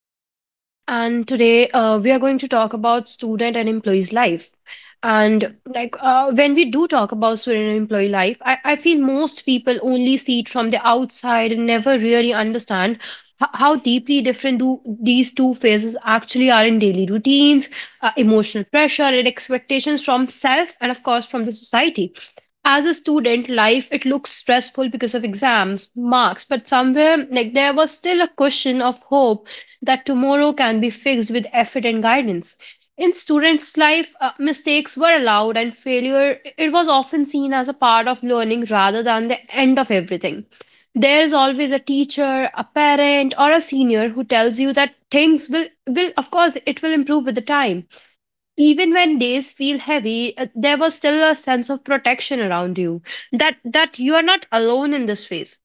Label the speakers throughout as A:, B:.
A: Ashneet, and today we are going to talk about student and employee's life. And like when we do talk about student and employee life, I feel most people only see it from the outside and never really understand how deeply different do these two phases actually are in daily routines, emotional pressure, and expectations from self, and of course from the society. As a student life, it looks stressful because of exams marks, but somewhere, like, there was still a cushion of hope that tomorrow can be fixed with effort and guidance. In students life, mistakes were allowed, and failure, it was often seen as a part of learning rather than the end of everything. There is always a teacher, a parent, or a senior who tells you that things will, of course, it will improve with the time. Even when days feel heavy, there was still a sense of protection around you, that you are not alone in this phase.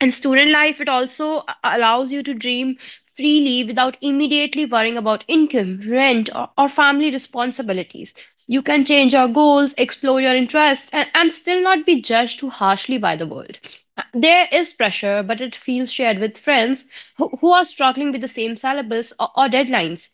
A: In student life, it also allows you to dream freely without immediately worrying about income, rent, or family responsibilities. You can change your goals, explore your interests, and still not be judged too harshly by the world. There is pressure, but it feels shared with friends who are struggling with the same syllabus or deadlines.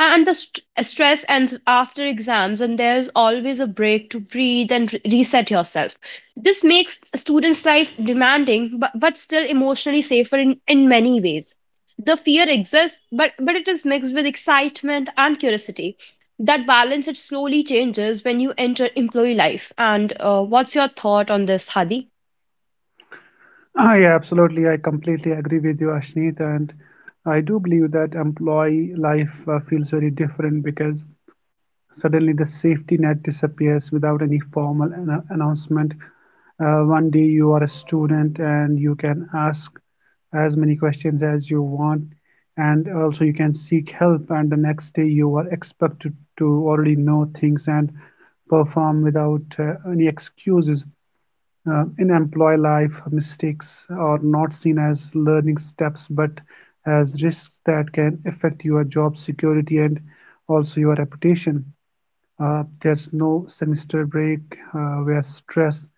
A: And the stress ends after exams, and there's always a break to breathe and reset yourself. This makes students' life demanding, but still emotionally safer in many ways. The fear exists, but it is mixed with excitement and curiosity. That balance, it slowly changes when you enter employee life. And what's your thought on this, Hadi?
B: Ah, yeah, absolutely. I completely agree with you, Ashneet. And I do believe that employee life feels very different because suddenly the safety net disappears without any formal announcement. One day you are a student and you can ask as many questions as you want, and also you can seek help. And the next day you are expected to already know things and perform without any excuses. In employee life, mistakes are not seen as learning steps but as risks that can affect your job security and also your reputation. There's no semester break where stress,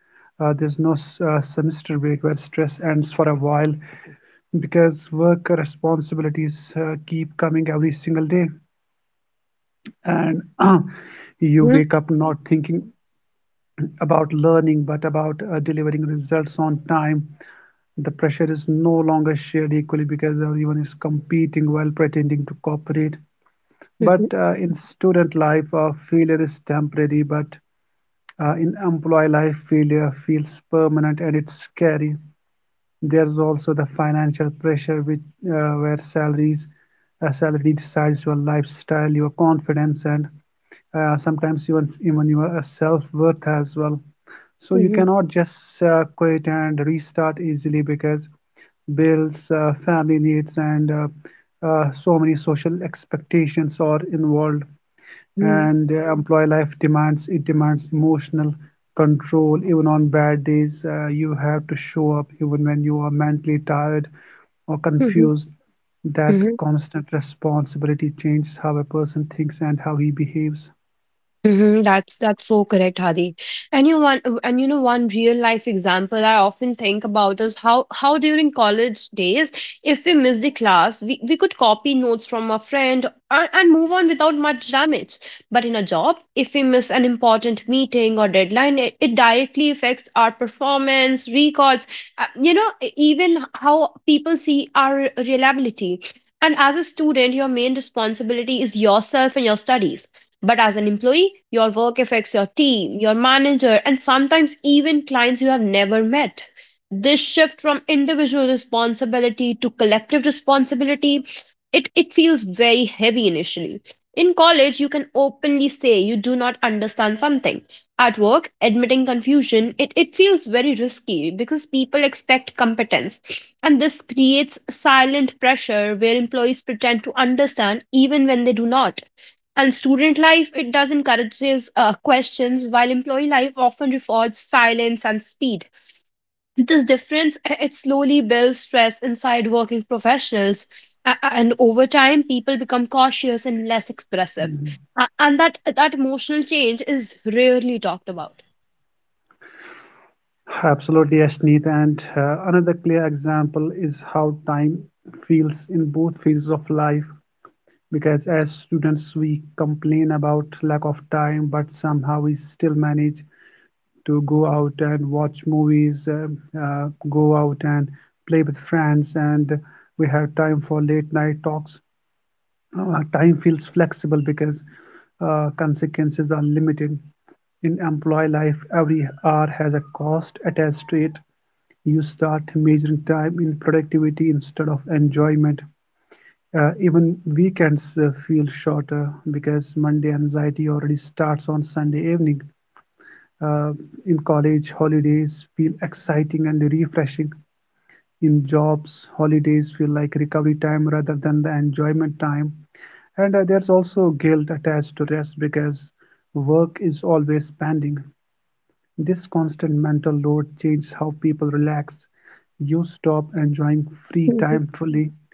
B: there's no s- semester break where stress ends for a while because work responsibilities keep coming every single day and
A: Mm-hmm.
B: you wake up not thinking about learning but about delivering results on time. The pressure is no longer shared equally because everyone is competing while pretending to cooperate.
A: Mm-hmm.
B: But in student life, failure is temporary, but in employee life, failure feels permanent and it's scary. There's also the financial pressure which where salaries salary Decides your lifestyle, your confidence, and sometimes even your self-worth as well. So you cannot just quit and restart easily because bills, family needs, and so many social expectations are involved
A: Mm-hmm.
B: and employee life demands emotional control even on bad days. You have to show up even when you are mentally tired or
A: Mm-hmm.
B: confused. That constant responsibility changes how a person thinks and how he behaves.
A: Mm-hmm, that's so correct, Hadi. And you know, one real life example I often think about is how during college days, if we missed a class, we could copy notes from a friend, and move on without much damage. But in a job, if we miss an important meeting or deadline, it directly affects our performance, records, even how people see our reliability. And as a student, your main responsibility is yourself and your studies, but as an employee, your work affects your team, your manager, and sometimes even clients you have never met. This shift from individual responsibility to collective responsibility, it feels very heavy initially. In college, you can openly say you do not understand something. At work, admitting confusion, it feels very risky because people expect competence. And this creates silent pressure where employees pretend to understand even when they do not. And student life, it does encourages questions, while employee life often rewards silence and speed. This difference, it slowly builds stress inside working professionals, and over time, people become cautious and less expressive.
B: Mhm.
A: And that emotional change is rarely talked about.
B: Absolutely, Ashneet. And another clear example is how time feels in both phases of life. Because as students, we complain about lack of time, but somehow we still manage to go out and watch movies, go out and play with friends, and we have time for late night talks. Time feels flexible because consequences are limited. In employee life, every hour has a cost attached to it. You start measuring time in productivity instead of enjoyment. Even weekends feel shorter because Monday anxiety already starts on Sunday evening. uh, in college, holidays feel exciting and refreshing. In jobs, holidays feel like recovery time rather than the enjoyment time, and there's also guilt attached to rest because work is always pending. This constant mental load changes how people relax. You stop enjoying free
A: Mhm.
B: time fully.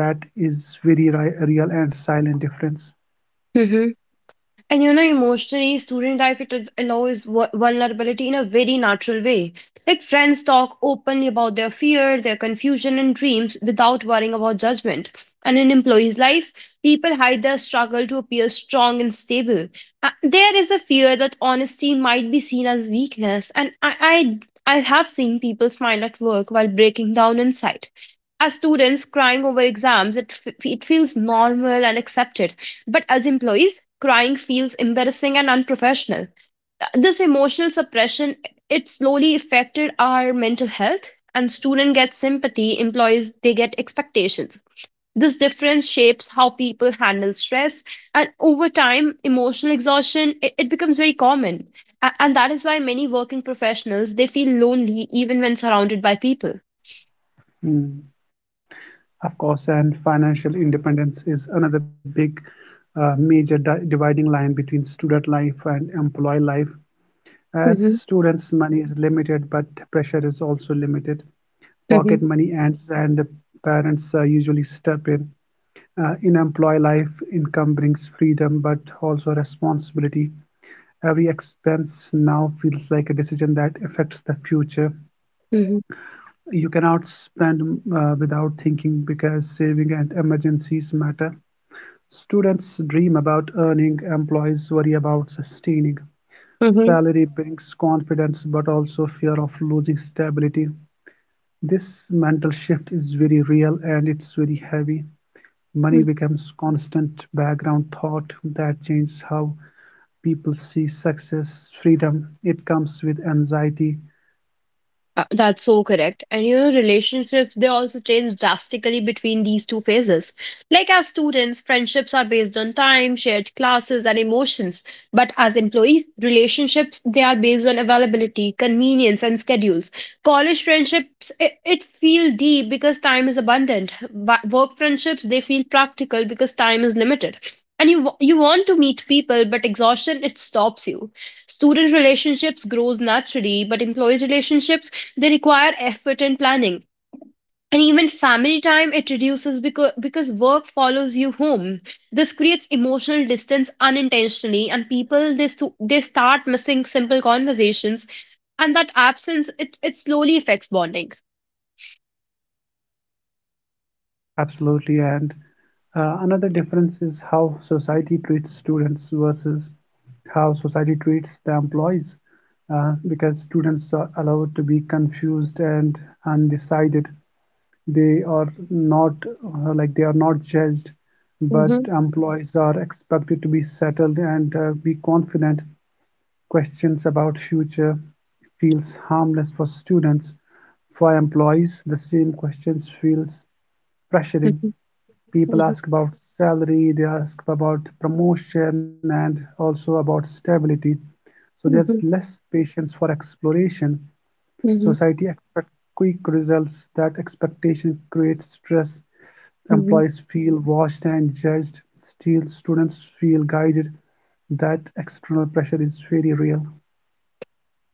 B: That is very real and silent difference.
A: Mhm. And you know, emotionally, student life it allows vulnerability in a very natural way. Like, friends talk openly about their fear, their confusion, and dreams without worrying about judgment. And in employees' life, people hide their struggle to appear strong and stable. There is a fear that honesty might be seen as weakness, and I have seen people smile at work while breaking down inside. As students, crying over exams, it feels normal and accepted, but as employees, crying feels embarrassing and unprofessional. This emotional suppression, it slowly affected our mental health, and student gets sympathy, employees they get expectations. This difference shapes how people handle stress, and over time, emotional exhaustion, it becomes very common. And that is why many working professionals they feel lonely even when surrounded by people.
B: Hmm. Of course, and financial independence is another big, major dividing line between student life and employee life. As
A: Mm-hmm,
B: students, money is limited, but pressure is also limited. Pocket
A: mm-hmm,
B: money ends, and the parents usually step in. In employee life, income brings freedom, but also responsibility. Every expense now feels like a decision that affects the future.
A: mm-hmm,
B: You cannot spend without thinking because saving and emergencies matter. Students dream about earning, employees worry about sustaining.
A: mm-hmm.
B: Salary brings confidence but also fear of losing stability. This mental shift is very real and it's very heavy. Money becomes constant background thought that changes how people see success, freedom. It comes with anxiety.
A: That's so correct. And you know, relationships, they also change drastically between these two phases. Like, as students, friendships are based on time, shared classes, and emotions. But as employees, relationships, they are based on availability, convenience, and schedules. College friendships, it feel deep because time is abundant. Work friendships, they feel practical because time is limited. And you want to meet people, but exhaustion, it stops you. Student relationships grows naturally, but employee relationships, they require effort and planning. And even family time, it reduces, because work follows you home. This creates emotional distance unintentionally, and people, they start missing simple conversations, and that absence, it slowly affects bonding.
B: Absolutely. And another difference is how society treats students versus how society treats the employees, because students are allowed to be confused and undecided. They are not they are not judged, but
A: Mm-hmm.
B: employees are expected to be settled and be confident. Questions about future feels harmless for students; for employees, the same questions feels
A: Mm-hmm.
B: pressuring.
A: Mm-hmm.
B: People ask about salary, they ask about promotion and also about stability. So there's less patience for exploration.
A: Mm-hmm.
B: Society expects quick results. That expectation creates stress.
A: Mm-hmm.
B: Employees feel watched and judged. Still, students feel guided. That external pressure is very real.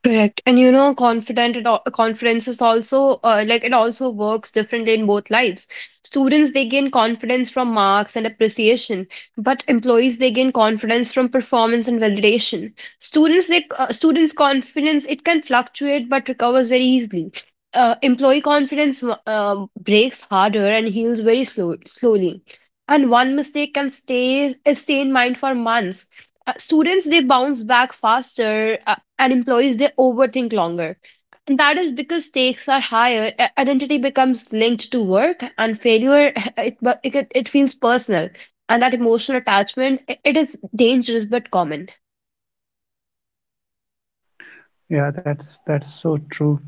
A: Correct. And you know, confidence is also, like, it also works differently in both lives. Students they gain confidence from marks and appreciation, but employees they gain confidence from performance and validation. Students confidence, it can fluctuate but recovers very easily. Employee confidence, breaks harder and heals very slowly. And one mistake can stay in mind for months. Students they bounce back faster, and employees they overthink longer, and that is because stakes are higher, identity becomes linked to work, and failure it bu- it, get- it feels personal, and that emotional attachment, it is dangerous but common.
B: Yeah, that's so true.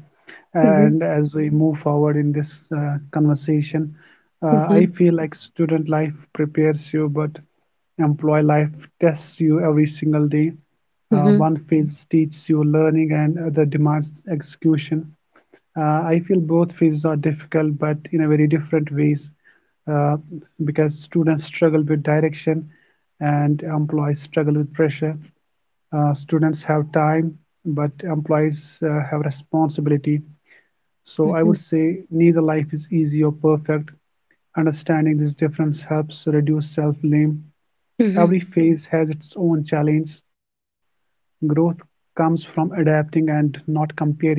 A: Mm-hmm.
B: And as we move forward in this conversation,
A: Mm-hmm.
B: I feel like student life prepares you, but employee life tests you every single day.
A: Mm-hmm.
B: One phase teaches you learning, and other demands execution. I feel both phases are difficult, but in a very different ways, uh, because students struggle with direction, and employees struggle with pressure. Students have time, but employees have responsibility. So I
A: Mm-hmm.
B: would say neither life is easy or perfect. Understanding this difference helps reduce self-blame.
A: Mm-hmm.
B: Every phase has its own challenge. Growth comes from adapting and not comparing.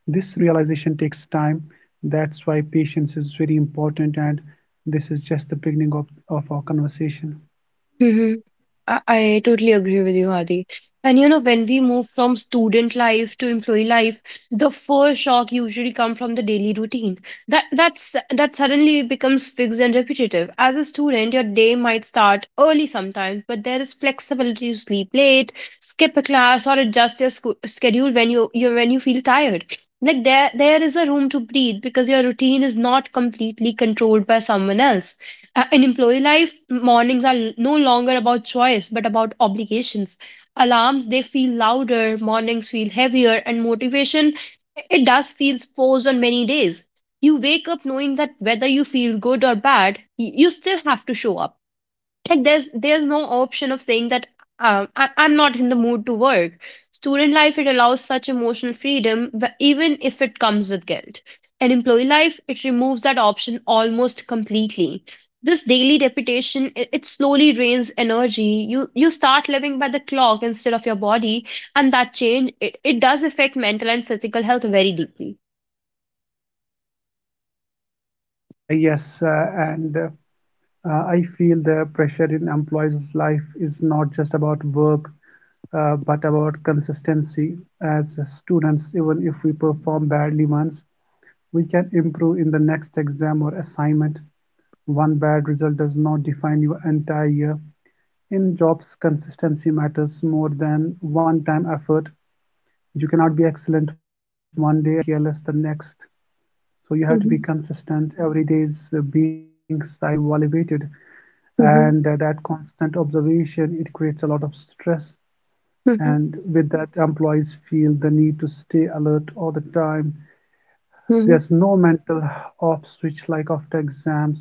B: This realization takes time. That's why patience is very important, and this is just the beginning of our conversation.
A: I totally agree with you, Adi. And you know, when we move from student life to employee life, the first shock usually comes from the daily routine. That suddenly becomes fixed and repetitive. As a student, your day might start early sometimes, but there is flexibility to sleep late, skip a class, or adjust your schedule when you feel tired. Like, there is a room to breathe because your routine is not completely controlled by someone else. Uh, in employee life, mornings are no longer about choice but about obligations. Alarms, they feel louder, mornings feel heavier, and motivation, it does feel forced on many days. You wake up knowing that whether you feel good or bad, you still have to show up. Like, there's no option of saying that, I'm not in the mood to work. Student life, it allows such emotional freedom, but even if it comes with guilt. And employee life, it removes that option almost completely. This daily repetition, it slowly drains energy. You start living by the clock instead of your body, and that change, it does affect mental and physical health very deeply.
B: Yes, and I feel the pressure in employees' life is not just about work, but about consistency. As students, even if we perform badly once, we can improve in the next exam or assignment. One bad result does not define your entire year. In jobs, consistency matters more than one time effort. You cannot be excellent one day and careless the next. So you have to be
A: Mm-hmm.
B: consistent. Every day is being silently evaluated, and
A: Mm-hmm.
B: that constant observation it creates a lot of stress. And with that, employees feel the need to stay alert all the time.
A: Mm-hmm.
B: There's no mental off switch like after exams.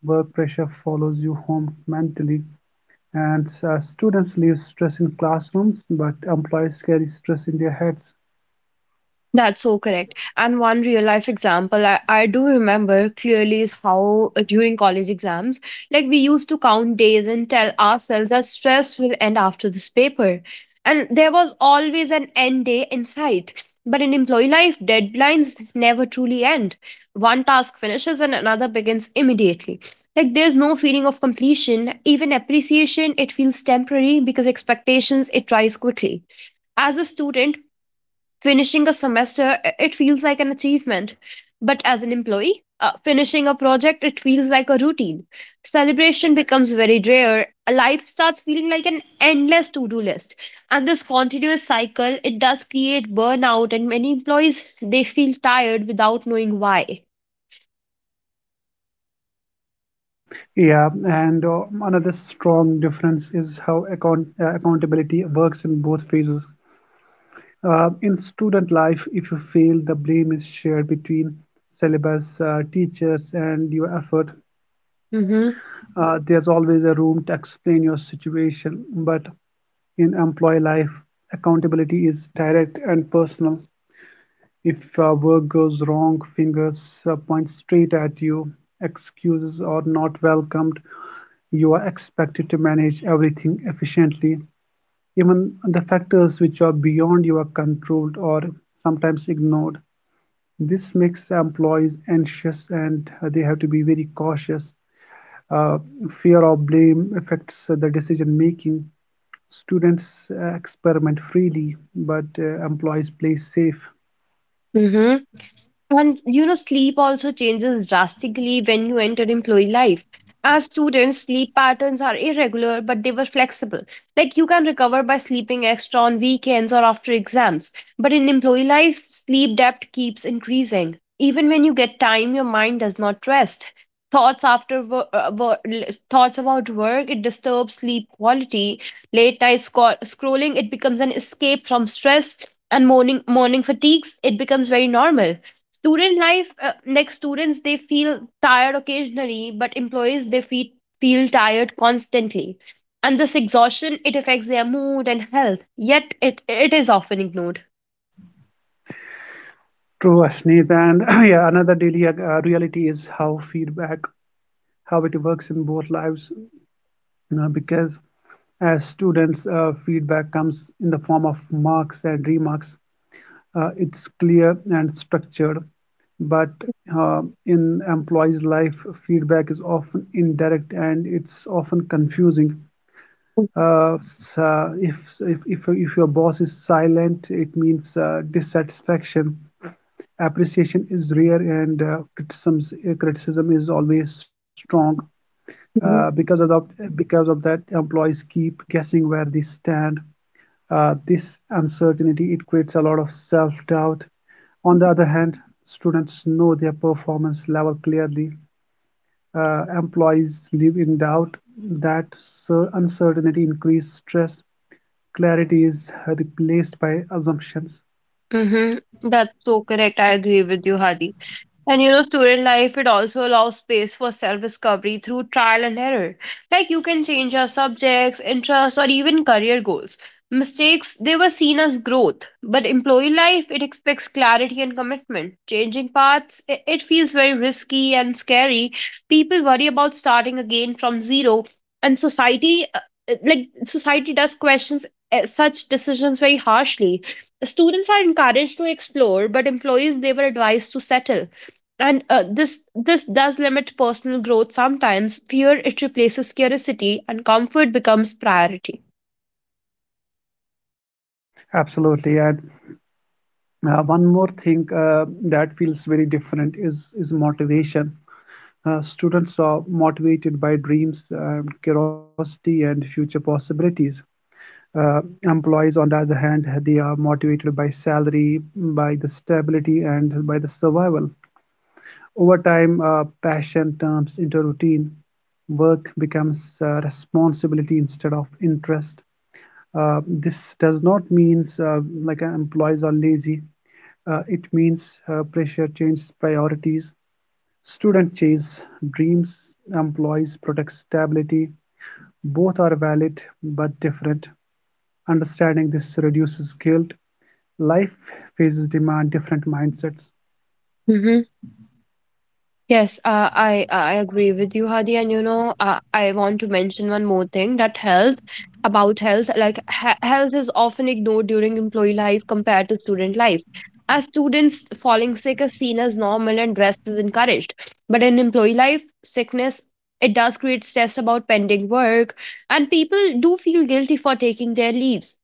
B: Work pressure follows you home mentally, and students leave stress in classrooms, but employees carry stress in their heads.
A: That's so correct. And one real life example I do remember clearly is how, during college exams, like, we used to count days and tell ourselves that stress will end after this paper. And there was always an end day in sight. But in employee life, deadlines never truly end. One task finishes and another begins immediately. Like, there's no feeling of completion, even appreciation, it feels temporary because expectations, it rise quickly. As a student, finishing a semester, it feels like an achievement. But as an employee, finishing a project, it feels like a routine. Celebration becomes very rare. Life starts feeling like an endless to do list. And this continuous cycle, it does create burnout, and many employees, they feel tired without knowing why.
B: Yeah, and another strong difference is how accountability works in both phases. In student life, if you fail, the blame is shared between syllabus, teachers, and your effort.
A: Mm-hmm.
B: There's always a room to explain your situation, but in employee life, accountability is direct and personal. If a work goes wrong, fingers point straight at you, excuses are not welcomed, you are expected to manage everything efficiently. Even the factors which are beyond your control are sometimes ignored. This makes employees anxious and they have to be very cautious. Uh, Fear of blame affects the decision making. Students experiment freely, but employees play safe.
A: Mm-hmm. And you know, sleep also changes drastically when you enter employee life. As students, sleep patterns are irregular, but they were flexible. Like, you can recover by sleeping extra on weekends or after exams. But in employee life, sleep debt keeps increasing. Even when you get time, your mind does not rest. Thoughts after wo- wo- l- thoughts about work, it disturbs sleep quality. Late night scrolling, it becomes an escape from stress, and morning fatigues, it becomes very normal. Student life, like, students they feel tired occasionally, but employees they feel tired constantly, and this exhaustion, it affects their mood and health, yet it is often ignored.
B: True, Ashneet. And yeah, another daily reality is how feedback, how it works in both lives, you know, because as students, feedback comes in the form of marks and remarks. It's clear and structured, but uh, in employees' life, feedback is often indirect and it's often confusing. Uh, s- uh, if, if your boss is silent, it means dissatisfaction. Appreciation is rare and criticism is always strong. Uh, because of the, because of that, employees keep guessing where they stand. This uncertainty it creates a lot of self-doubt. On the other hand, students know their performance level clearly. Employees live in doubt. That uncertainty increases stress. Clarity is replaced by assumptions.
A: Mm-hmm. That's so correct. I agree with you, Hadi. And you know, student life, it also allows space for self discovery through trial and error. Like, you can change your subjects, interests, or even career goals. Mistakes, they were seen as growth. But employee life, it expects clarity and commitment. Changing paths, it feels very risky and scary. People worry about starting again from zero. And society, like, society does questions such decisions very harshly. Students are encouraged to explore, but employees, they were advised to settle. And this does limit personal growth. Sometimes fear, it replaces curiosity, and comfort becomes priority.
B: Absolutely. And one more thing that feels very different is motivation. Students are motivated by dreams, curiosity, and future possibilities. Employees, on the other hand, they are motivated by salary, by the stability, and by the survival. Over time, passion turns into routine. Work becomes responsibility instead of interest. This does not mean employees are lazy. It means pressure changes priorities. Student chase dreams. Employees protect stability. Both are valid but different. Understanding this reduces guilt. Life faces demand different mindsets.
A: Yes, I agree with you, Hadi. And you know, I want to mention one more thing, that health, about health, like he- health is often ignored during employee life compared to student life. As students, falling sick is seen as normal and rest is encouraged. But in employee life, sickness it does create stress about pending work, and people do feel guilty for taking their leaves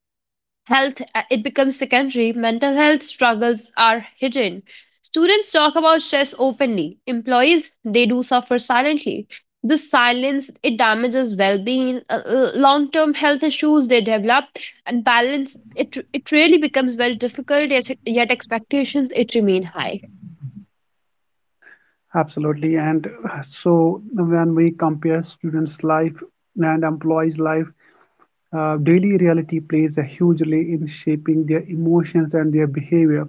A: health it becomes secondary mental health struggles are hidden students talk about stress openly employees they do suffer silently this silence it damages well-being long-term health issues they develop and balance it really becomes very difficult yet expectations it remain high
B: Absolutely. And so when we compare students' life and employees' life, daily reality plays a huge role in shaping their emotions and their behavior.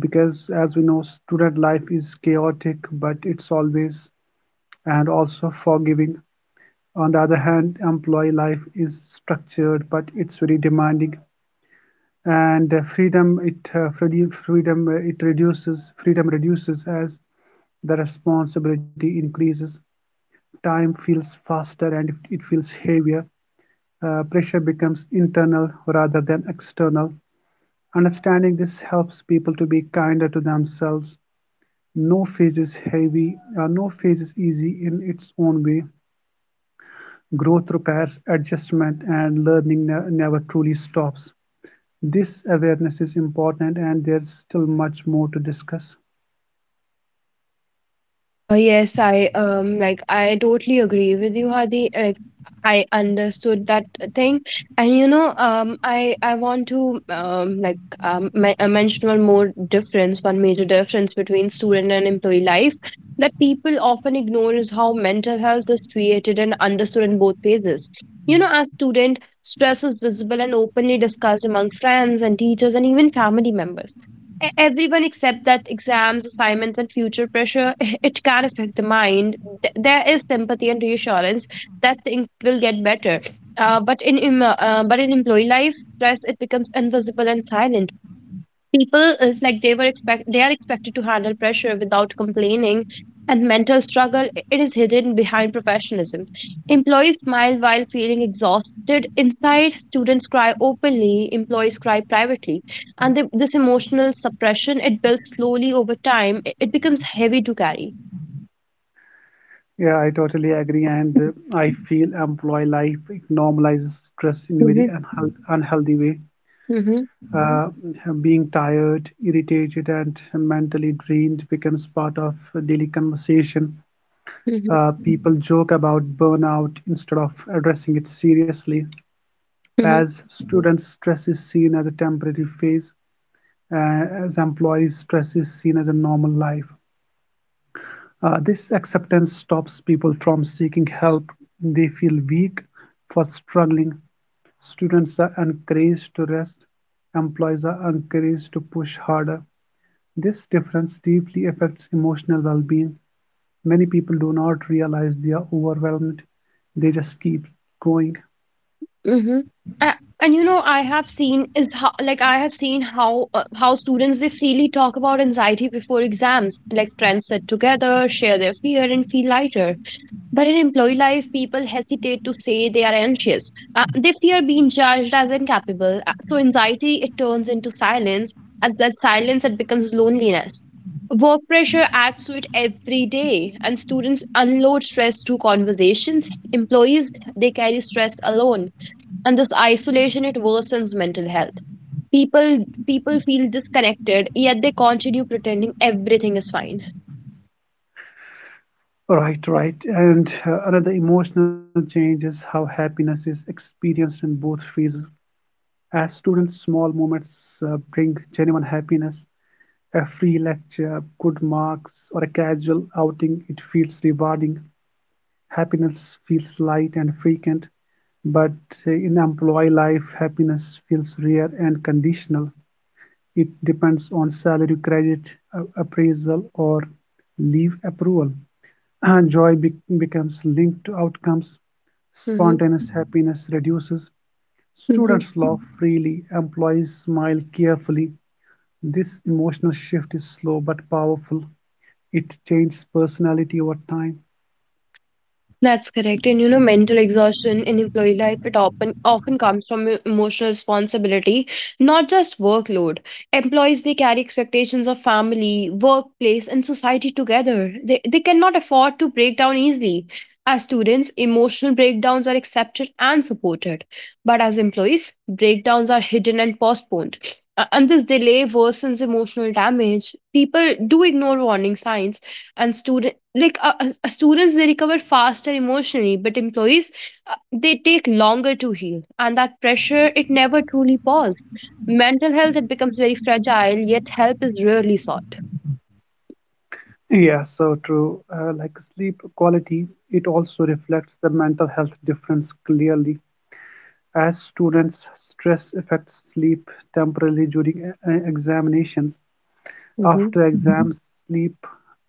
B: Because as we know, student life is chaotic, but it's always and also forgiving. On the other hand, employee life is structured, but it's very demanding. And freedom, it freedi- freedom, it reduces. Freedom reduces as the responsibility increases. Time feels faster and it feels heavier. Pressure becomes internal rather than external. Understanding this helps people to be kinder to themselves. No phase is heavy, no phase is easy in its own way. Growth requires adjustment, and learning never truly stops. This awareness is important, and there's still much more to discuss.
A: Yes, I like I totally agree with you, Hadi. Like I understood that thing, and you know, I want to mention one more difference, one major difference between student and employee life that people often ignore is how mental health is treated and understood in both phases. You know, as student, stress is visible and openly discussed among friends and teachers and even family members everyone except that exams, assignments, and future pressure, it can affect the mind. There is sympathy and reassurance that things will get better. Uh, but in em- but in employee life, stress it becomes invisible and silent people it's like they are expected to handle pressure without complaining and mental struggle it is hidden behind professionalism employees smile while feeling exhausted inside students cry openly employees cry privately and this emotional suppression it builds slowly over time it becomes heavy to carry.
B: Yeah, I totally agree, and I feel employee life normalizes stress in a very
A: Hmm.
B: unhealthy way.
A: Hmm.
B: Uh, Being tired, irritated, and mentally drained becomes part of daily conversation. People joke about burnout instead of addressing it seriously.
A: Hmm.
B: As students, stress is seen as a temporary phase, as employees, stress is seen as a normal life. This acceptance stops people from seeking help. They feel weak for struggling. Students are encouraged to rest, employees are encouraged to push harder. This difference deeply affects emotional well-being; many people do not realize they are overwhelmed, they just keep going.
A: Mhm. And you know I have seen is how like I have seen how students they freely talk about anxiety before exams like friends sit together share their fear and feel lighter but in employee life people hesitate to say they are anxious they fear being judged as incapable. So anxiety it turns into silence and that silence it becomes loneliness work pressure adds to it every day and students unload stress through conversations employees they carry stress alone and this isolation it worsens mental health people people feel disconnected yet they continue pretending everything is fine.
B: Right, right. And another emotional change is how happiness is experienced in both phases. As students, small moments bring genuine happiness. A free lecture, good marks, or a casual outing, it feels rewarding. Happiness feels light and frequent, but in employee life, happiness feels rare and conditional. It depends on salary credit, appraisal, or leave approval. And joy becomes linked to outcomes. Spontaneous happiness reduces.
A: Mm-hmm.
B: Students laugh freely, employees smile carefully. This emotional shift is slow but powerful. It changes personality over time.
A: That's correct. And you know, mental exhaustion in employee life, it often often comes from emotional responsibility, not just workload. Employees they carry expectations of family, workplace, and society together. They cannot afford to break down easily. As students, emotional breakdowns are accepted and supported. But as employees, breakdowns are hidden and postponed. And this delay worsens emotional damage. People do ignore warning signs and students students they recover faster emotionally but employees they take longer to heal and that pressure it never truly paused mental health it becomes very fragile yet help is rarely sought.
B: Yeah, so true. Like sleep quality, it also reflects the mental health difference clearly. As students, stress affects sleep temporarily during examinations.
A: Hmm.
B: After exams, sleep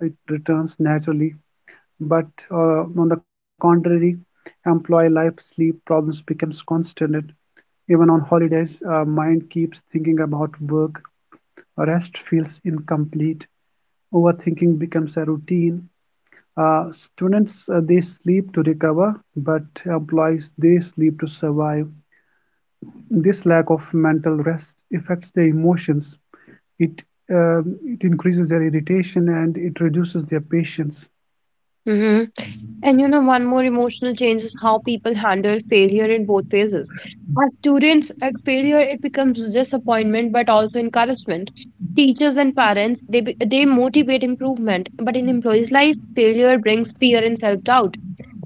B: it returns naturally. But on the contrary, employee life sleep problems becomes constant. Even on holidays, mind keeps thinking about work. Rest feels incomplete. Overthinking becomes a routine. Students they sleep to recover, but employees they sleep to survive. This lack of mental rest affects their emotions. It it increases their irritation and it reduces their patience.
A: Hmm. And you know, one more emotional change is how people handle failure in both phases. As students, at failure it becomes disappointment but also encouragement. Teachers and parents they motivate improvement, but in employees' life, failure brings fear and self doubt.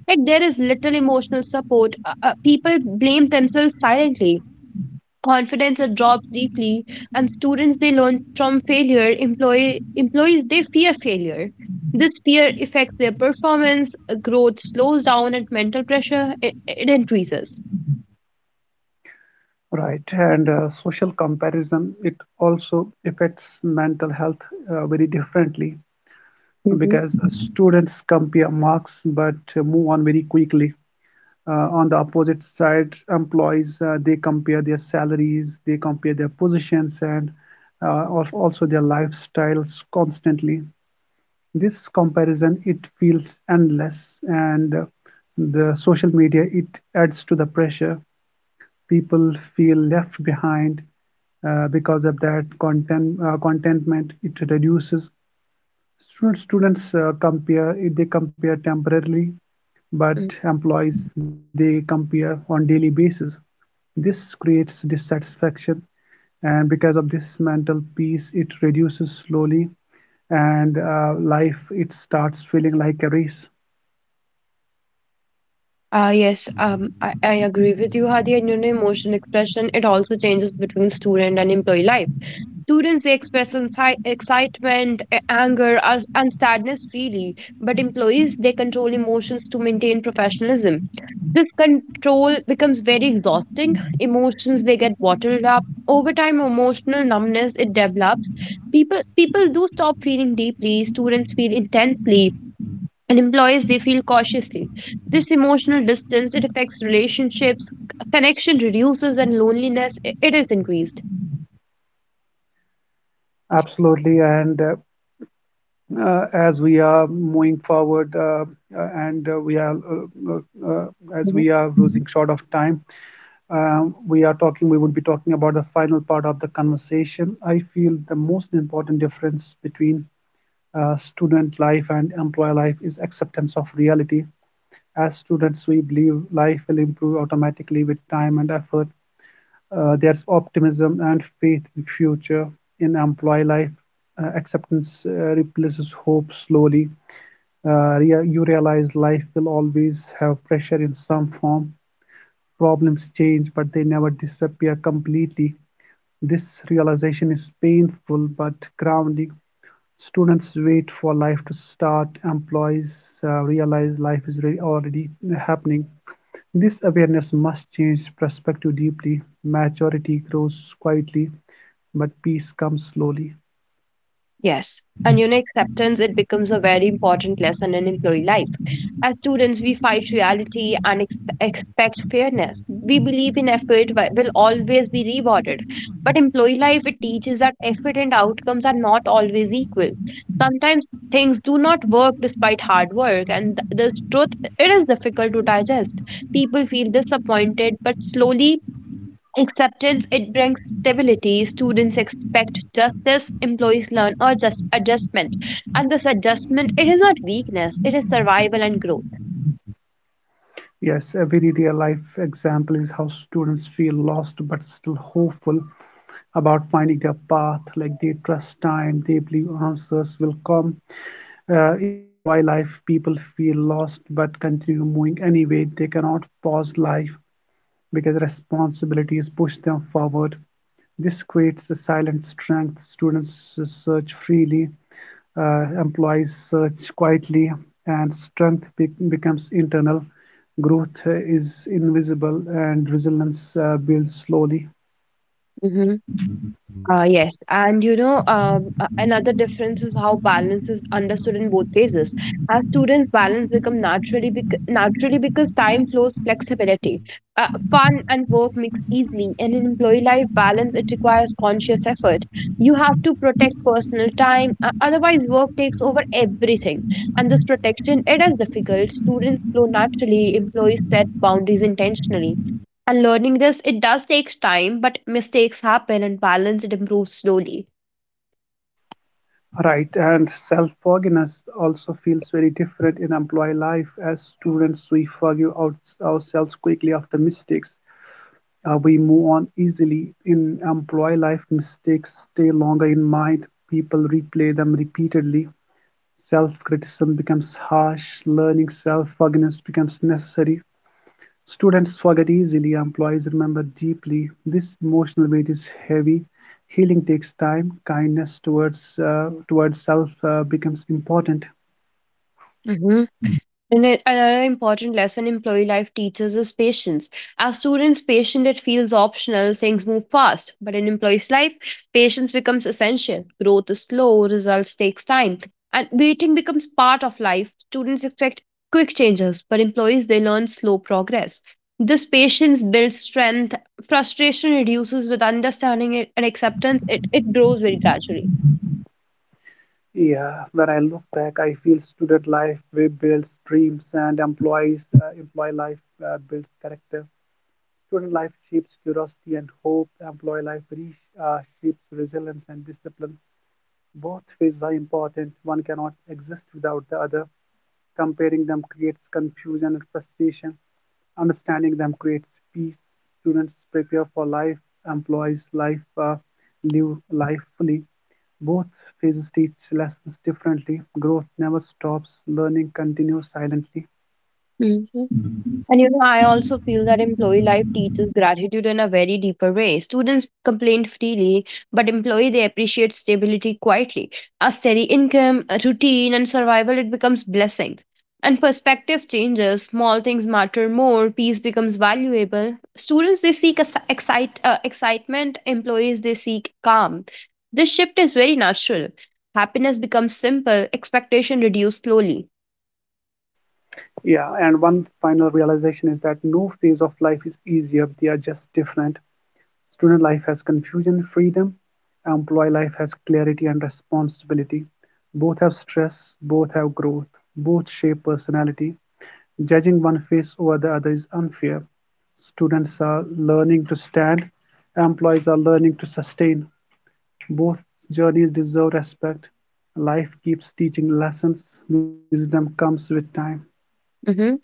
A: Like there is little emotional support. People blame themselves silently confidence drops deeply and students they learn from failure employees they fear failure this fear affects their performance growth slows down and mental pressure it increases.
B: Right, and social comparison it also affects mental health very differently
A: Hmm.
B: because students compare marks but move on very quickly. On the opposite side employees they compare their salaries, they compare their positions, and uh, also their lifestyles constantly. This comparison it feels endless, and the social media it adds to the pressure. People feel left behind because of that contentment it reduces. Should students compare, they compare temporarily, but
A: Mm.
B: employees, they compare on daily basis. This creates dissatisfaction, and because of this mental peace, it reduces slowly, and life, it starts feeling like a race.
A: Yes, I agree with you, Hadi, and you know, emotion expression, it also changes between student and employee life. Students they express excitement, anger, and sadness freely, but employees they control emotions to maintain professionalism. This control becomes very exhausting. Emotions they get bottled up. Over time, emotional numbness it develops. People do stop feeling deeply. Students feel intensely, and employees they feel cautiously. This emotional distance it affects relationships. Connection reduces, and loneliness it is increased.
B: Absolutely. And as we are moving forward, and we are, uh, uh, as we are losing short of time, we would be talking about the final part of the conversation. I feel the most important difference between student life and employee life is acceptance of reality. As students, we believe life will improve automatically with time and effort. There's optimism and faith in future. In employee life, acceptance replaces hope slowly. Uh, you realize life will always have pressure in some form. Problems change, but they never disappear completely. This realization is painful but grounding. Students wait for life to start, employees realize life is already happening. This awareness must change perspective deeply. Maturity grows quietly, but peace comes slowly.
A: Yes. And you know, acceptance, it becomes a very important lesson in employee life. As students, we fight reality and expect fairness. We believe in effort will always be rewarded. But employee life, it teaches that effort and outcomes are not always equal. Sometimes things do not work despite hard work, and the truth, it is difficult to digest. People feel disappointed, but slowly acceptance, it brings stability. Students expect justice, employees learn or just adjustment. And this adjustment, it is not weakness, it is survival and growth.
B: Yes, every real life example is how students feel lost but still hopeful about finding their path. Like they trust time, they believe answers will come. In employee life, people feel lost but continue moving anyway. They cannot pause life because responsibilities push them forward. This creates a silent strength. Students search freely, employees search quietly, and strength becomes internal. Growth is invisible, and resilience builds slowly.
A: Mhm. Yes, and you know, another difference is how balance is understood in both phases. As students, balance become naturally because time flows flexibility. Fun and work mix easily, and in employee life, balance it requires conscious effort. You have to protect personal time, otherwise work takes over everything. And this protection, it is difficult. Students flow naturally, employees set boundaries intentionally. And learning this, it does takes time, but mistakes happen and balance it improves slowly.
B: Right, and self-forgiveness also feels very different in employee life. As students, ourselves quickly after mistakes. We move on easily. In employee life, mistakes stay longer in mind. People replay them repeatedly. Self-criticism becomes harsh. Learning self-forgiveness becomes necessary. Students forget easily, employees remember deeply. This emotional weight is heavy. Healing takes time. Kindness towards self becomes important.
A: And another important lesson employee life teaches is patience. As students, patient it feels optional, things move fast. But in employees' life, patience becomes essential. Growth is slow, results takes time. And waiting becomes part of life. Students expect quick changes, but employees they learn slow progress. This patience builds strength, frustration reduces with understanding it and acceptance, it grows very gradually.
B: Yeah, when I look back, I feel student life we builds dreams, and employee life builds character. Student life shapes curiosity and hope. Employee life uh, shapes resilience and discipline. Both fields are important; one cannot exist without the other. Comparing them creates confusion and frustration. Understanding them creates peace. Students prepare for life, employees life live lifefully. Both phases teach lessons differently. Growth never stops, learning continues silently.
A: And you know, I also feel that employee life teaches gratitude in a very deeper way. Students complain freely, but employee they appreciate stability quietly. A steady income, a routine, and survival it becomes blessing. And perspective changes. Small things matter more. Peace becomes valuable. Students they seek excitement. Employees they seek calm. This shift is very natural. Happiness becomes simple. Expectation reduce slowly.
B: Yeah, and one final realization is that no phase of life is easier, they are just different. Student life has confusion, freedom. Employee life has clarity and responsibility. Both have stress, both have growth, both shape personality. Judging one face over the other is unfair. Students are learning to stand, employees are learning to sustain. Both journeys deserve respect. Life keeps teaching lessons, wisdom comes with time.
A: Mhm.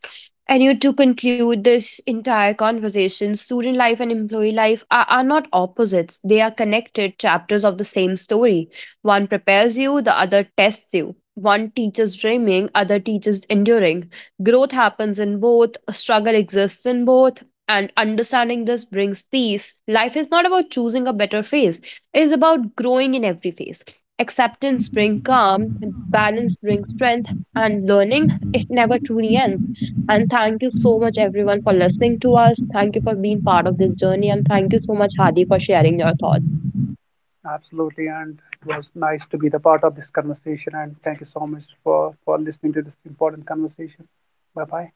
A: And you to conclude this entire conversation, student life and employee life are not opposites. They are connected chapters of the same story. One prepares you, the other tests you. One teaches dreaming, other teaches enduring. Growth happens in both, a struggle exists in both, and understanding this brings peace. Life is not about choosing a better phase, it is about growing in every phase. Acceptance brings calm, balance brings strength, and learning, it never truly ends. And thank you so much, everyone, for listening to us. Thank you for being part of this journey. And thank you so much, Hadi, for sharing your thoughts.
B: Absolutely, and it was nice to be the part of this conversation. And thank you so much for listening to this important conversation. Bye bye.